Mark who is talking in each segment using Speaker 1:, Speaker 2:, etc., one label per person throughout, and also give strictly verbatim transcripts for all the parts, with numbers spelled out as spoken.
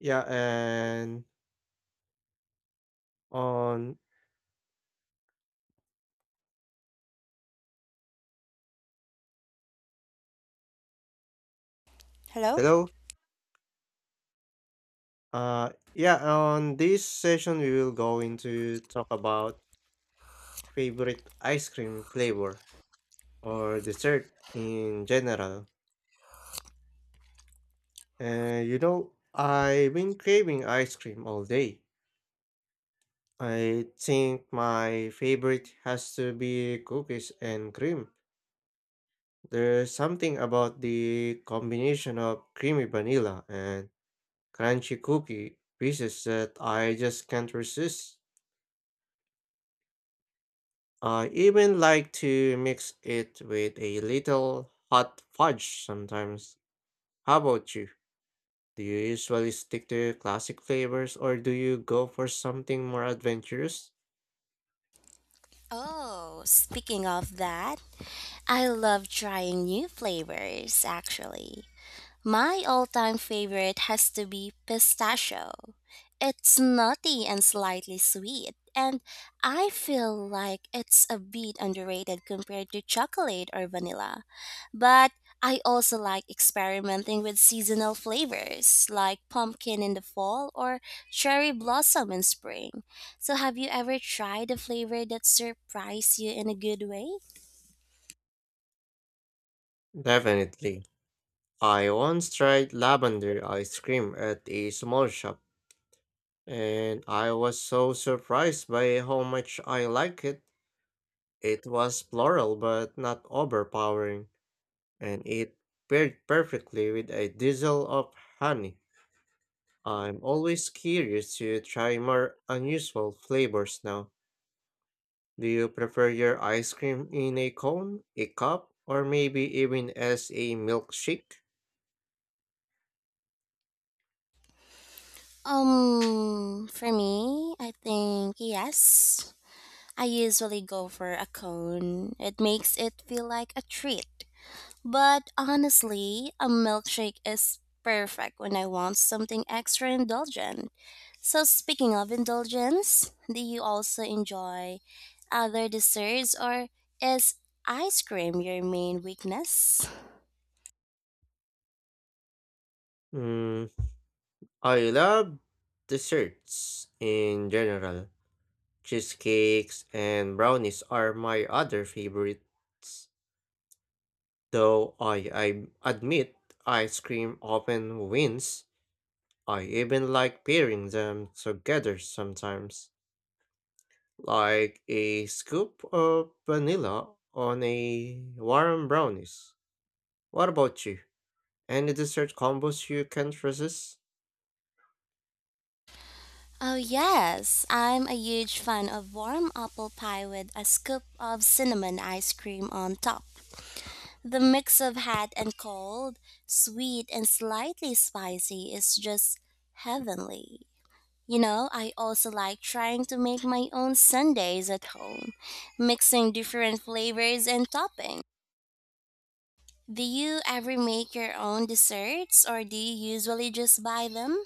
Speaker 1: Yeah, and on
Speaker 2: Hello?
Speaker 1: hello. Uh yeah, on this session we will going to talk about favorite ice cream flavor or dessert in general. And you know, I've been craving ice cream all day. I think my favorite has to be cookies and cream. There's something about the combination of creamy vanilla and crunchy cookie pieces that I just can't resist. I even like to mix it with a little hot fudge sometimes. How about you? Do you usually stick to classic flavors or do you go for something more adventurous?
Speaker 2: Oh, speaking of that, I love trying new flavors actually. My all time favorite has to be pistachio. It's nutty and slightly sweet, and I feel like it's a bit underrated compared to chocolate or vanilla. But I also like experimenting with seasonal flavors like pumpkin in the fall or cherry blossom in spring. So, have you ever tried a flavor that surprised you in a good way?
Speaker 1: Definitely. I once tried lavender ice cream at a small shop, and I was so surprised by how much I liked it. It was floral but not overpowering, and it paired perfectly with a drizzle of honey. I'm always curious to try more unusual flavors now. Do you prefer your ice cream in a cone, a cup, or maybe even as a milkshake?
Speaker 2: Um, for me, I think yes. I usually go for a cone. It makes it feel like a treat. But honestly, a milkshake is perfect when I want something extra indulgent. So, speaking of indulgence, do you also enjoy other desserts or is ice cream your main weakness?
Speaker 1: Mm, I love desserts in general. Cheesecakes and brownies are my other favorites. Though I, I admit ice cream often wins, I even like pairing them together sometimes, like a scoop of vanilla on a warm brownies. What about you? Any dessert combos you can't resist?
Speaker 2: Oh, yes. I'm a huge fan of warm apple pie with a scoop of cinnamon ice cream on top. The mix of hot and cold, sweet and slightly spicy is just heavenly. You know, I also like trying to make my own sundaes at home, mixing different flavors and toppings. Do you ever make your own desserts or do you usually just buy them?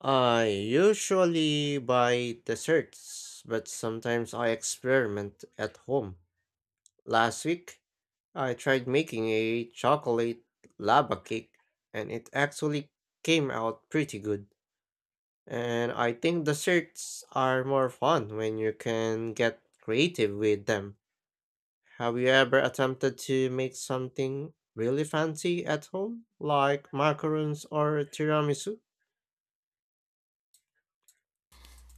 Speaker 1: I usually buy desserts, but sometimes I experiment at home. Last week, I tried making a chocolate lava cake, and it actually came out pretty good. And I think desserts are more fun when you can get creative with them. Have you ever attempted to make something really fancy at home, like macarons or tiramisu?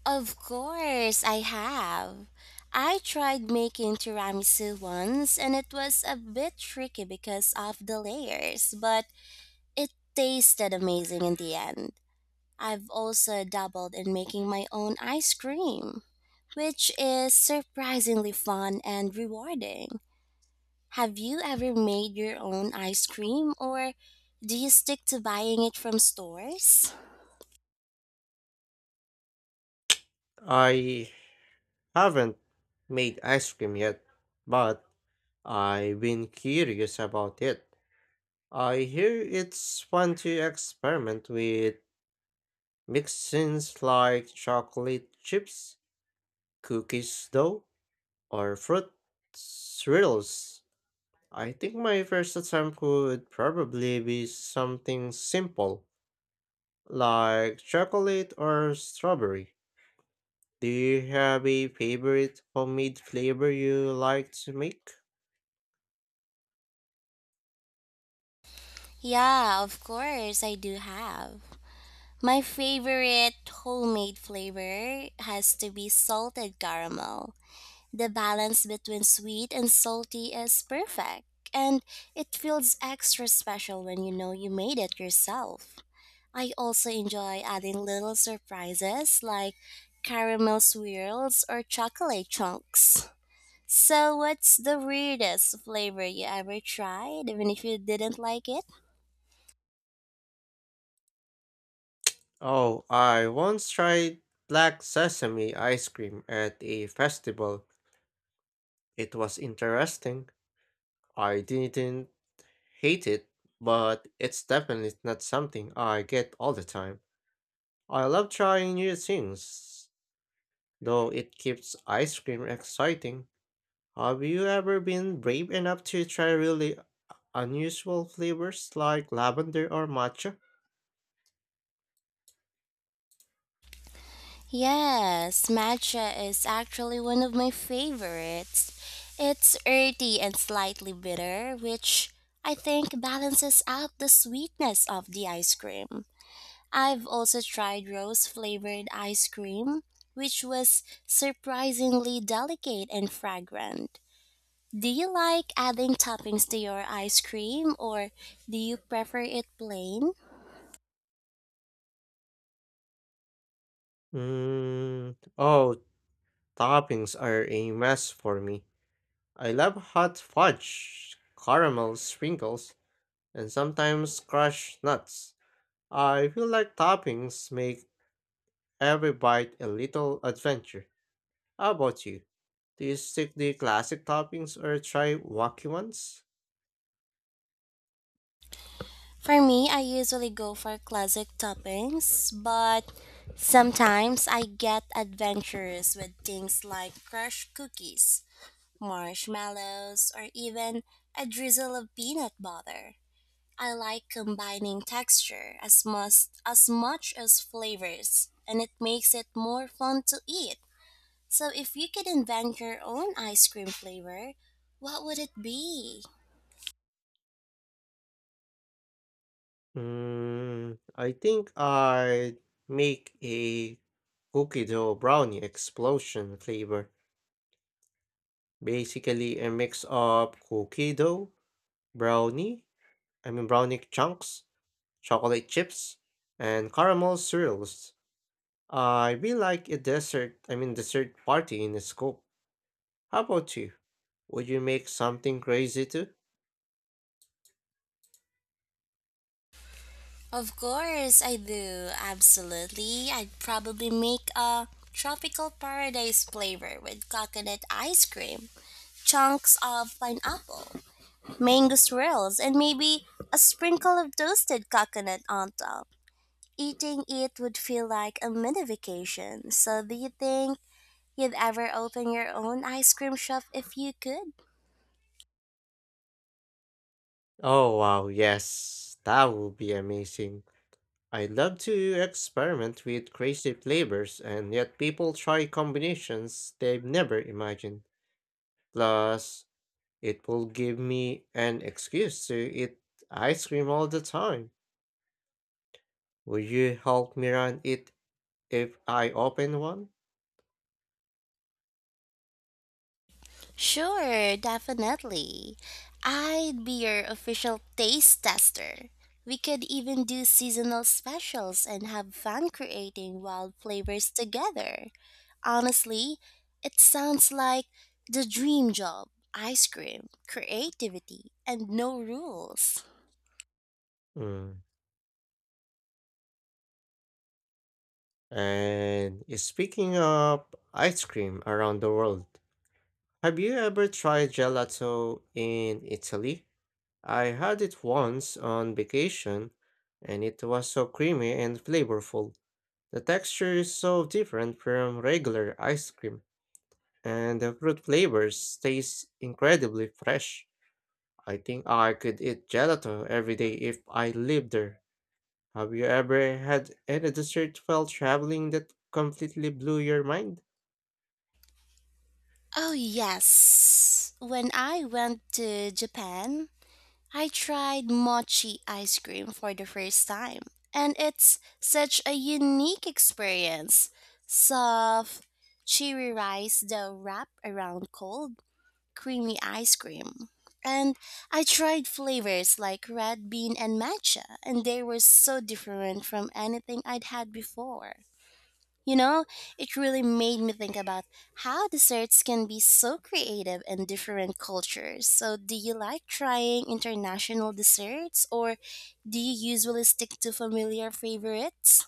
Speaker 2: Of course, I have. I tried making tiramisu once and it was a bit tricky because of the layers, but it tasted amazing in the end. I've also dabbled in making my own ice cream, which is surprisingly fun and rewarding. Have you ever made your own ice cream or do you stick to buying it from stores?
Speaker 1: I haven't made ice cream yet, but I've been curious about it. I hear it's fun to experiment with mixins like chocolate chips, cookies dough, or fruit swirls. I think my first attempt would probably be something simple, like chocolate or strawberry? Do you have a favorite homemade flavor you like to make?
Speaker 2: Yeah, of course, I do have. My favorite homemade flavor has to be salted caramel. The balance between sweet and salty is perfect, and it feels extra special when you know you made it yourself. I also enjoy adding little surprises like caramel swirls or chocolate chunks. So, what's the weirdest flavor you ever tried, even if you didn't like it?
Speaker 1: Oh, I once tried black sesame ice cream at a festival. It was interesting. I didn't hate it, but it's definitely not something I get all the time. I love trying new things, though it keeps ice cream exciting. Have you ever been brave enough to try really unusual flavors like lavender or matcha?
Speaker 2: Yes, matcha is actually one of my favorites. It's earthy and slightly bitter, which I think balances out the sweetness of the ice cream. I've also tried rose flavored ice cream, which was surprisingly delicate and fragrant. Do you like adding toppings to your ice cream or do you prefer it plain?
Speaker 1: Mm, oh, Toppings are a mess for me. I love hot fudge, caramel sprinkles, and sometimes crushed nuts. I feel like toppings make every bite a little adventure. How about you? Do you stick to classic toppings or try wacky ones?
Speaker 2: For me, I usually go for classic toppings, but sometimes I get adventurous with things like crushed cookies, marshmallows, or even a drizzle of peanut butter. I like combining texture as much as much as flavors, and it makes it more fun to eat. So if you could invent your own ice cream flavor, what would it be?
Speaker 1: Mm, I think I'd make a cookie dough brownie explosion flavor. Basically, a mix of cookie dough, brownie, I mean brownie chunks, chocolate chips, and caramel swirls. I'd be like a dessert, I mean dessert party in a scoop. How about you? Would you make something crazy too?
Speaker 2: Of course, I do. Absolutely. I'd probably make a tropical paradise flavor with coconut ice cream, chunks of pineapple, mango swirls, and maybe a sprinkle of toasted coconut on top. Eating it would feel like a mini vacation. So, do you think you'd ever open your own ice cream shop if you could?
Speaker 1: Oh wow, yes, that would be amazing. I love to experiment with crazy flavors, and yet people try combinations they've never imagined. Plus, it will give me an excuse to eat ice cream all the time. Would you help me run it if I open one?
Speaker 2: Sure, definitely. I'd be your official taste tester. We could even do seasonal specials and have fun creating wild flavors together. Honestly, it sounds like the dream job ice cream, creativity, and no rules.
Speaker 1: Hmm. And speaking of ice cream around the world, have you ever tried gelato in Italy? I had it once on vacation, and it was so creamy and flavorful. The texture is so different from regular ice cream, and the fruit flavors taste incredibly fresh. I think I could eat gelato every day if I lived there. Have you ever had any dessert while traveling that completely blew your mind?
Speaker 2: Oh, yes. When I went to Japan, I tried mochi ice cream for the first time, and it's such a unique experience. Soft, cheery rice dough wrapped around cold, creamy ice cream. And I tried flavors like red bean and matcha, and they were so different from anything I'd had before. You know, it really made me think about how desserts can be so creative in different cultures. So, do you like trying international desserts or do you usually stick to familiar favorites?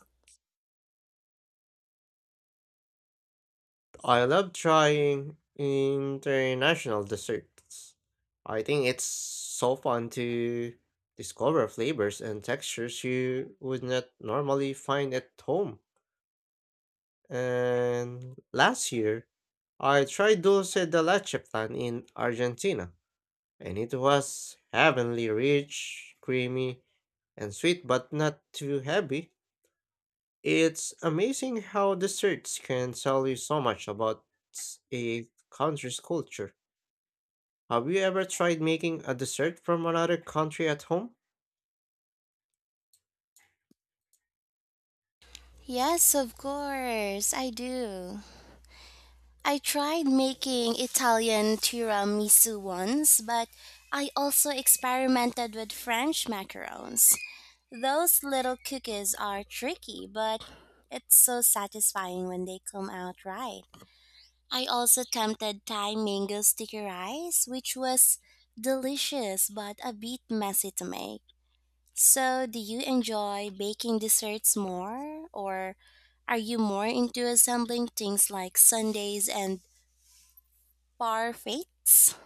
Speaker 1: I love trying international desserts. I think it's so fun to discover flavors and textures you would not normally find at home. And last year, I tried dulce de leche plan in Argentina, and it was heavenly rich, creamy, and sweet, but not too heavy. It's amazing how desserts can tell you so much about a country's culture. Have you ever tried making a dessert from another country at home?
Speaker 2: Yes, of course, I do. I tried making Italian tiramisu once, but I also experimented with French macarons. Those little cookies are tricky, but it's so satisfying when they come out right. I also attempted Thai mango sticky rice, which was delicious but a bit messy to make. So, do you enjoy baking desserts more, or are you more into assembling things like sundaes and parfaits?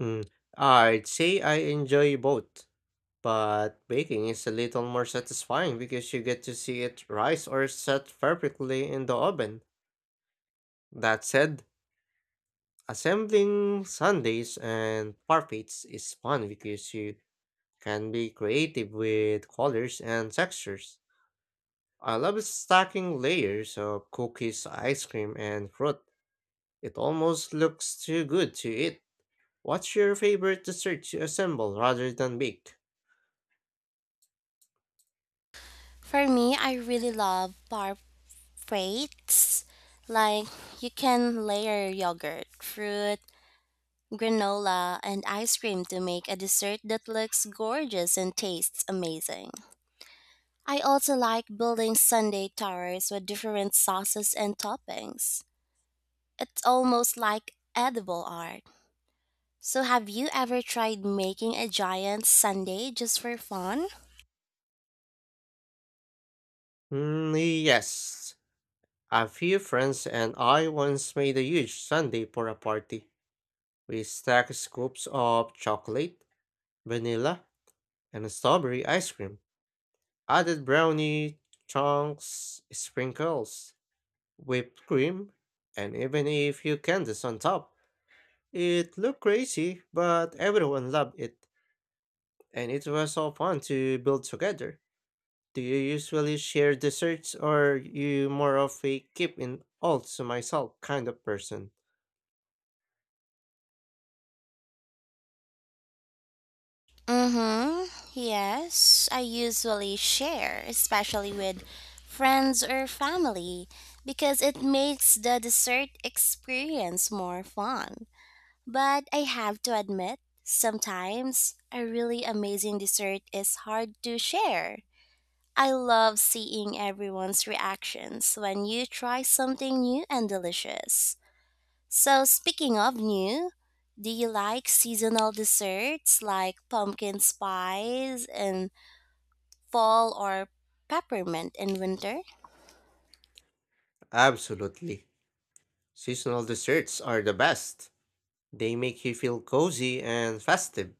Speaker 1: Mm, I'd say I enjoy both, but baking is a little more satisfying because you get to see it rise or set perfectly in the oven. That said, assembling sundaes and parfaits is fun because you can be creative with colors and textures. I love stacking layers of cookies, ice cream, and fruit. It almost looks too good to eat. What's your favorite dessert to assemble rather than bake?
Speaker 2: For me, I really love parfaits. Like, you can layer yogurt, fruit, granola, and ice cream to make a dessert that looks gorgeous and tastes amazing. I also like building sundae towers with different sauces and toppings. It's almost like edible art. So, have you ever tried making a giant sundae just for fun?
Speaker 1: Mm, yes. A few friends and I once made a huge sundae for a party. We stacked scoops of chocolate, vanilla, and strawberry ice cream, added brownie chunks, sprinkles, whipped cream, and even a few candies on top. It looked crazy, but everyone loved it, and it was so fun to build together. Do you usually share desserts or you more of a keep in all to myself kind of person?
Speaker 2: Mm-hmm. Yes, I usually share, especially with friends or family, because it makes the dessert experience more fun. But I have to admit, sometimes a really amazing dessert is hard to share. I love seeing everyone's reactions when you try something new and delicious. So, speaking of new, do you like seasonal desserts like pumpkin spice in fall or peppermint in winter?
Speaker 1: Absolutely. Seasonal desserts are the best. They make you feel cozy and festive.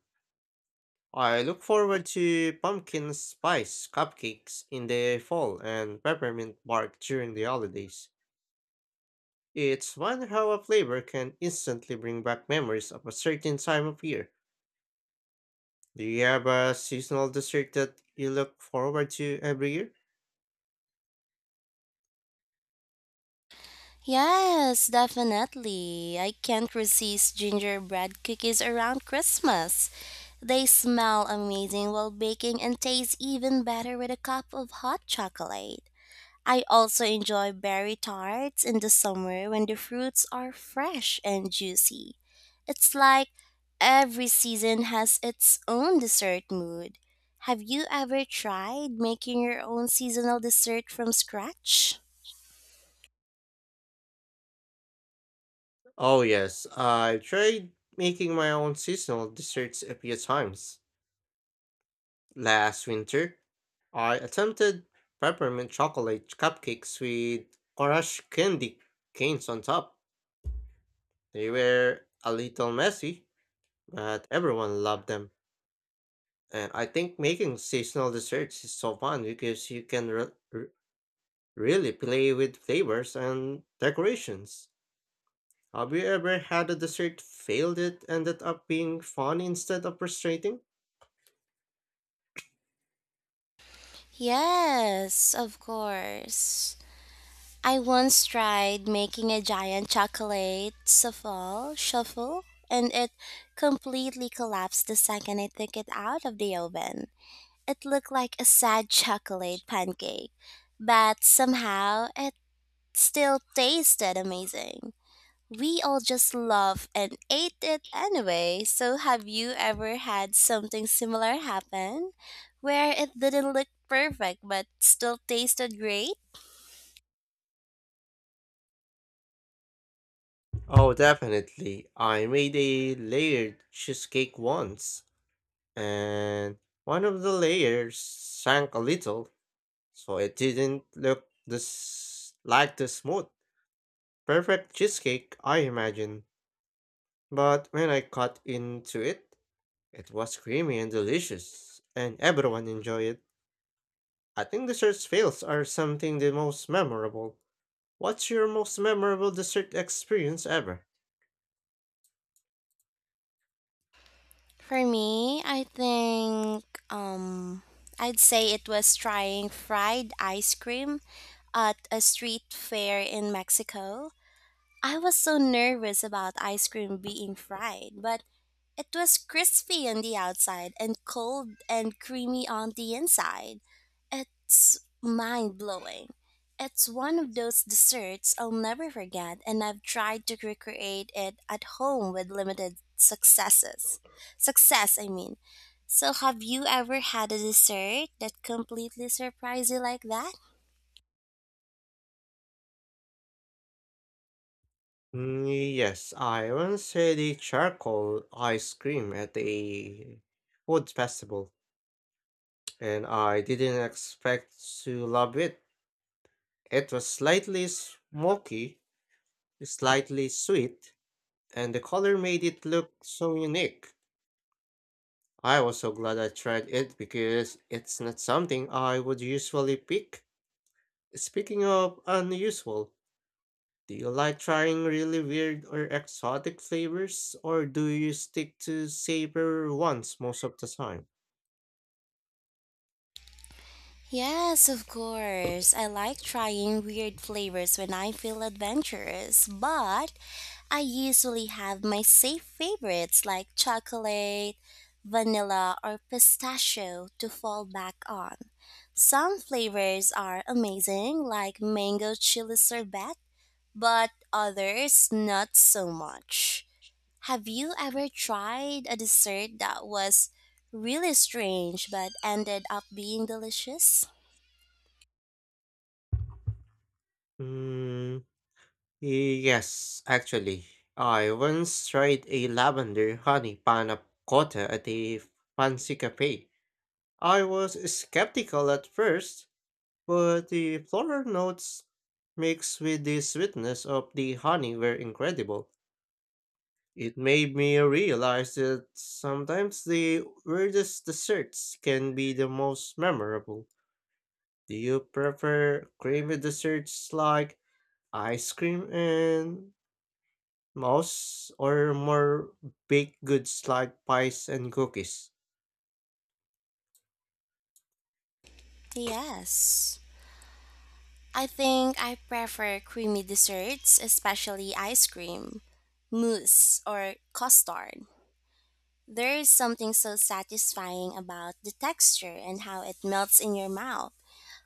Speaker 1: I look forward to pumpkin spice cupcakes in the fall and peppermint bark during the holidays. It's fun how a flavor can instantly bring back memories of a certain time of year. Do you have a seasonal dessert that you look forward to every year?
Speaker 2: Yes, definitely. I can't resist gingerbread cookies around Christmas. They smell amazing while baking and taste even better with a cup of hot chocolate. I also enjoy berry tarts in the summer when the fruits are fresh and juicy. It's like every season has its own dessert mood. Have you ever tried making your own seasonal dessert from scratch?
Speaker 1: Oh yes, I tried making my own seasonal desserts a few times. Last winter, I attempted peppermint chocolate cupcakes with orange candy canes on top. They were a little messy, but everyone loved them. And I think making seasonal desserts is so fun because you can re- re- really play with flavors and decorations. Have you ever had a dessert failed it ended up being fun instead of frustrating?
Speaker 2: Yes, of course. I once tried making a giant chocolate souffle shuffle and it completely collapsed the second I took it out of the oven. It looked like a sad chocolate pancake, but somehow it still tasted amazing. We all just loved and ate it anyway. So, have you ever had something similar happen where it didn't look perfect but still tasted great?
Speaker 1: Oh, definitely. I made a layered cheesecake once, and one of the layers sank a little, so it didn't look this like the smooth, perfect cheesecake I imagine. But when I cut into it, it was creamy and delicious, and everyone enjoyed it. I think desserts fails are something the most memorable. What's your most memorable dessert experience ever?
Speaker 2: For me, I think um I'd say it was trying fried ice cream at a street fair in Mexico. I was so nervous about ice cream being fried, but it was crispy on the outside and cold and creamy on the inside. It's mind blowing. It's one of those desserts I'll never forget, and I've tried to recreate it at home with limited successes. Success, I mean. So, have you ever had a dessert that completely surprised you like that?
Speaker 1: Mm, yes, I once had a charcoal ice cream at a food festival, and I didn't expect to love it. It was slightly smoky, slightly sweet, and the color made it look so unique. I was so glad I tried it because it's not something I would usually pick. Speaking of unusual, do you like trying really weird or exotic flavors, or do you stick to safer ones most of the time?
Speaker 2: Yes, of course. I like trying weird flavors when I feel adventurous, but I usually have my safe favorites like chocolate, vanilla, or pistachio to fall back on. Some flavors are amazing, like mango chili sorbet, but others not so much. Have you ever tried a dessert that was really strange but ended up being delicious?
Speaker 1: Mm, yes, actually. I once tried a lavender honey panna cotta at a fancy cafe. I was skeptical at first, but the floral notes mixed with the sweetness of the honey were incredible. It made me realize that sometimes the weirdest desserts can be the most memorable. Do you prefer creamy desserts like ice cream and mousse or more baked goods like pies and cookies?
Speaker 2: Yes. I think I prefer creamy desserts, especially ice cream, mousse, or custard. There is something so satisfying about the texture and how it melts in your mouth.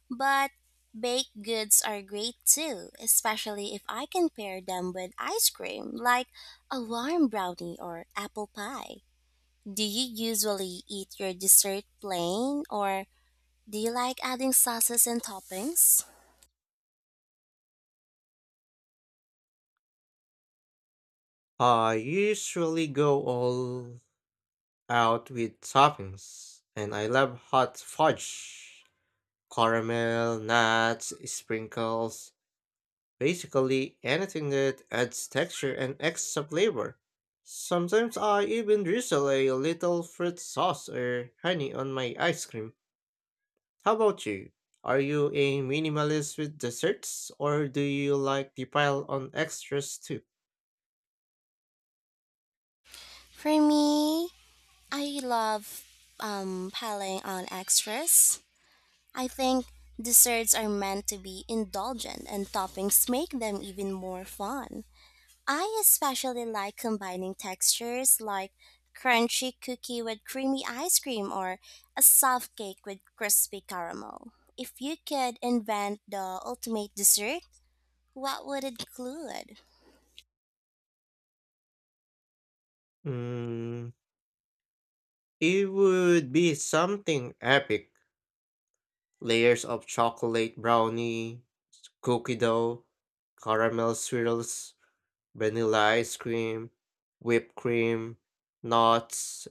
Speaker 2: But baked goods are great too, especially if I can pair them with ice cream, like a warm brownie or apple pie. Do you usually eat your dessert plain, or do you like adding sauces and toppings?
Speaker 1: I usually go all out with toppings, and I love hot fudge, caramel, nuts, sprinkles, basically anything that adds texture and extra flavor. Sometimes I even drizzle a little fruit sauce or honey on my ice cream. How about you? Are you a minimalist with desserts, or do you like to pile on extras too?
Speaker 2: For me, I love um, piling on extras. I think desserts are meant to be indulgent, and toppings make them even more fun. I especially like combining textures like crunchy cookie with creamy ice cream or a soft cake with crispy caramel. If you could invent the ultimate dessert, what would it include?
Speaker 1: Mm, it would be something epic. Layers of chocolate brownie, cookie dough, caramel swirls, vanilla ice cream, whipped cream, nuts,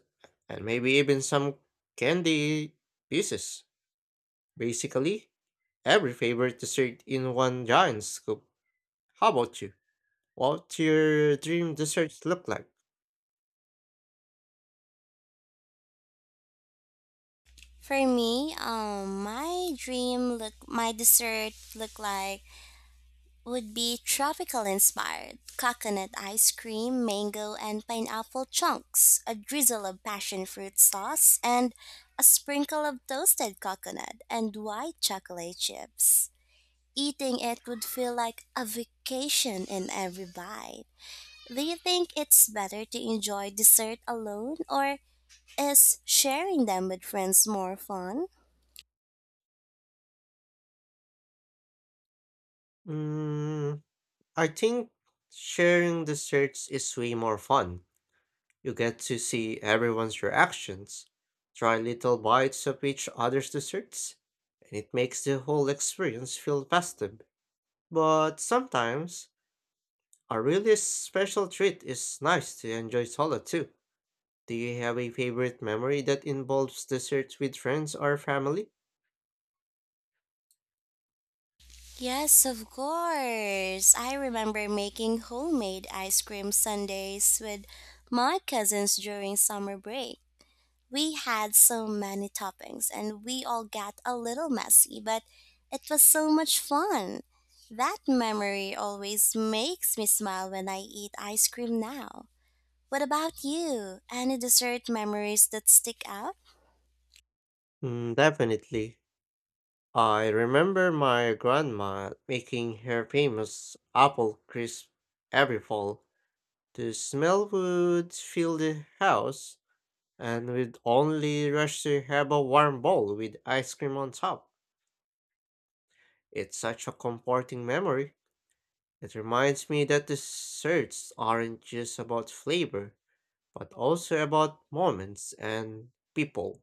Speaker 1: and maybe even some candy pieces. Basically, every favorite dessert in one giant scoop. How about you? What your dream desserts look like?
Speaker 2: For me, um, my dream look, my dessert look like would be tropical inspired coconut ice cream, mango and pineapple chunks, a drizzle of passion fruit sauce, and a sprinkle of toasted coconut and white chocolate chips. Eating it would feel like a vacation in every bite. Do you think it's better to enjoy dessert alone or is sharing them with friends more fun?
Speaker 1: Mm, I think sharing desserts is way more fun. You get to see everyone's reactions, try little bites of each other's desserts, and it makes the whole experience feel festive. But sometimes a really special treat is nice to enjoy solo too. Do you have a favorite memory that involves desserts with friends or family?
Speaker 2: Yes, of course. I remember making homemade ice cream sundaes with my cousins during summer break. We had so many toppings and we all got a little messy, but it was so much fun. That memory always makes me smile when I eat ice cream now. What about you? Any dessert memories that stick out?
Speaker 1: Mm, definitely. I remember my grandma making her famous apple crisp every fall. The smell would fill the house, and we'd only rush to have a warm bowl with ice cream on top. It's such a comforting memory. It reminds me that desserts aren't just about flavor, but also about moments and people.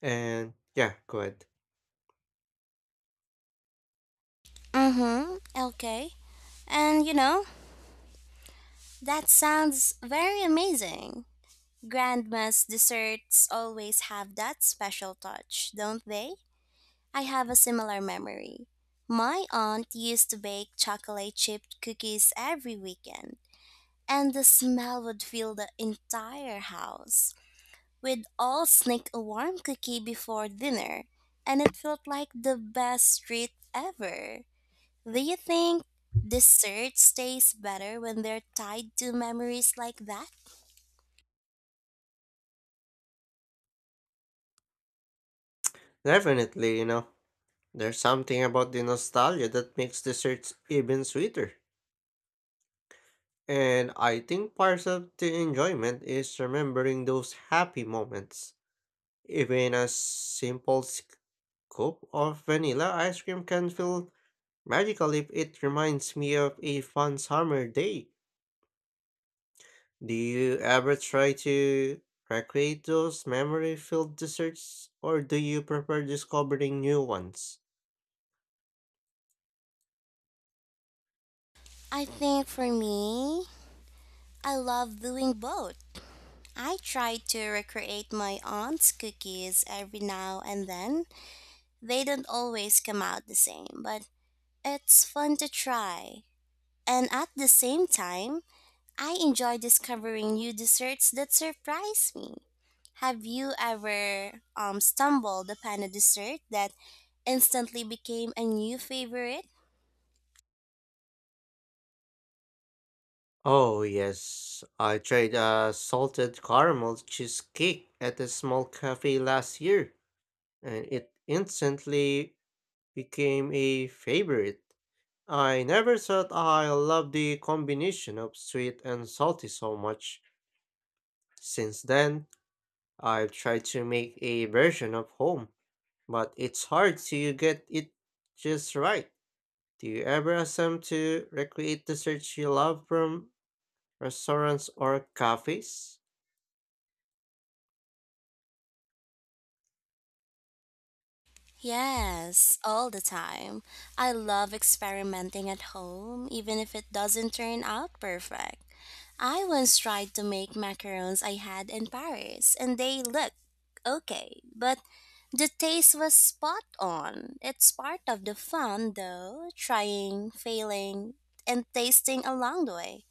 Speaker 1: And yeah, go ahead.
Speaker 2: Mm hmm, okay. And you know, that sounds very amazing. Grandma's desserts always have that special touch, don't they? I have a similar memory. My aunt used to bake chocolate chip cookies every weekend, and the smell would fill the entire house. We'd all sneak a warm cookie before dinner, and it felt like the best treat ever. Do you think desserts taste better when they're tied to memories like that?
Speaker 1: Definitely, you know, there's something about the nostalgia that makes desserts even sweeter. And I think part of the enjoyment is remembering those happy moments. Even a simple scoop of vanilla ice cream can feel magical if it reminds me of a fun summer day. Do you ever try to recreate those memory filled desserts, or do you prefer discovering new ones?
Speaker 2: I think for me, I love doing both. I try to recreate my aunt's cookies every now and then. They don't always come out the same, but it's fun to try. And at the same time, I enjoy discovering new desserts that surprise me. Have you ever um, stumbled upon a dessert that instantly became a new favorite?
Speaker 1: Oh, yes, I tried a salted caramel cheesecake at a small cafe last year, and it instantly became a favorite. I never thought I loved the combination of sweet and salty so much. Since then, I've tried to make a version of home, but it's hard to get it just right. Do you ever attempt to recreate desserts you love from restaurants or cafes?
Speaker 2: Yes, all the time. I love experimenting at home, even if it doesn't turn out perfect. I once tried to make macarons I had in Paris, and they looked okay, but the taste was spot on. It's part of the fun, though, trying, failing, and tasting along the way.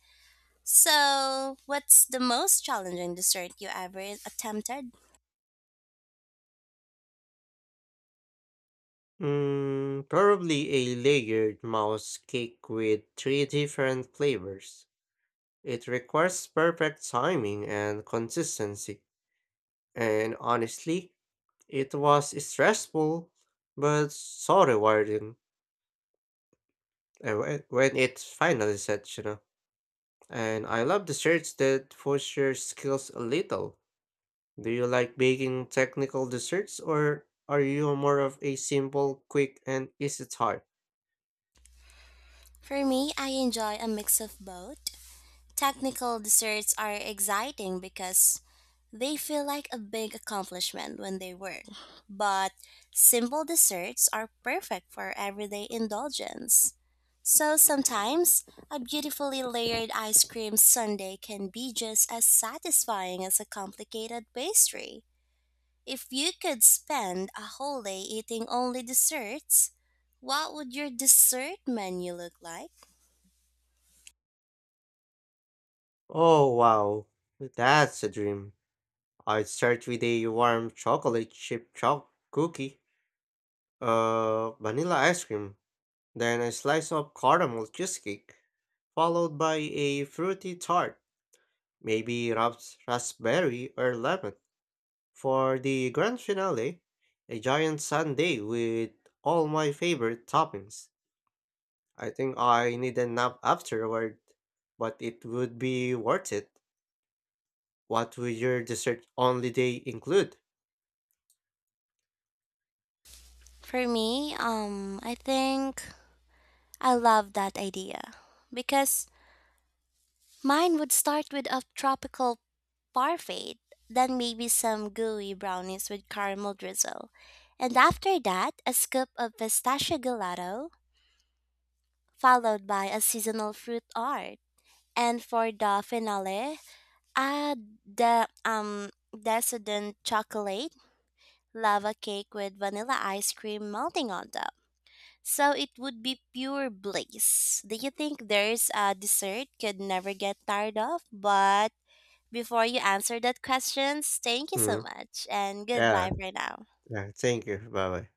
Speaker 2: So, what's the most challenging dessert you ever attempted?
Speaker 1: Mm, probably a layered mouse cake with three different flavors. It requires perfect timing and consistency. And honestly, it was stressful, but so rewarding uh, whe- when it's finally set, you know. And I love desserts that push your skills a little. Do you like baking technical desserts or are you more of a simple, quick, and easy type?
Speaker 2: For me, I enjoy a mix of both. Technical desserts are exciting because they feel like a big accomplishment when they work, but simple desserts are perfect for everyday indulgence. So sometimes a beautifully layered ice cream sundae can be just as satisfying as a complicated pastry. If you could spend a whole day eating only desserts, what would your dessert menu look like?
Speaker 1: Oh wow, that's a dream. I'd start with a warm chocolate chip choc cookie, uh, vanilla ice cream, then a slice of caramel cheesecake, followed by a fruity tart, maybe raps- raspberry or lemon. For the grand finale, a giant sundae with all my favorite toppings. I think I need a nap afterward, but it would be worth it. What would your dessert only day include?
Speaker 2: For me, um, I think I love that idea because mine would start with a tropical parfait, then maybe some gooey brownies with caramel drizzle, and after that, a scoop of pistachio gelato, followed by a seasonal fruit art. And for the finale, add the um decadent chocolate lava cake with vanilla ice cream melting on top. So it would be pure bliss. Do you think there's a dessert could never get tired of? But before you answer that questions, thank you so
Speaker 1: Mm.
Speaker 2: much and goodbye
Speaker 1: Yeah,
Speaker 2: for now.
Speaker 1: yeah. Thank you. Bye bye.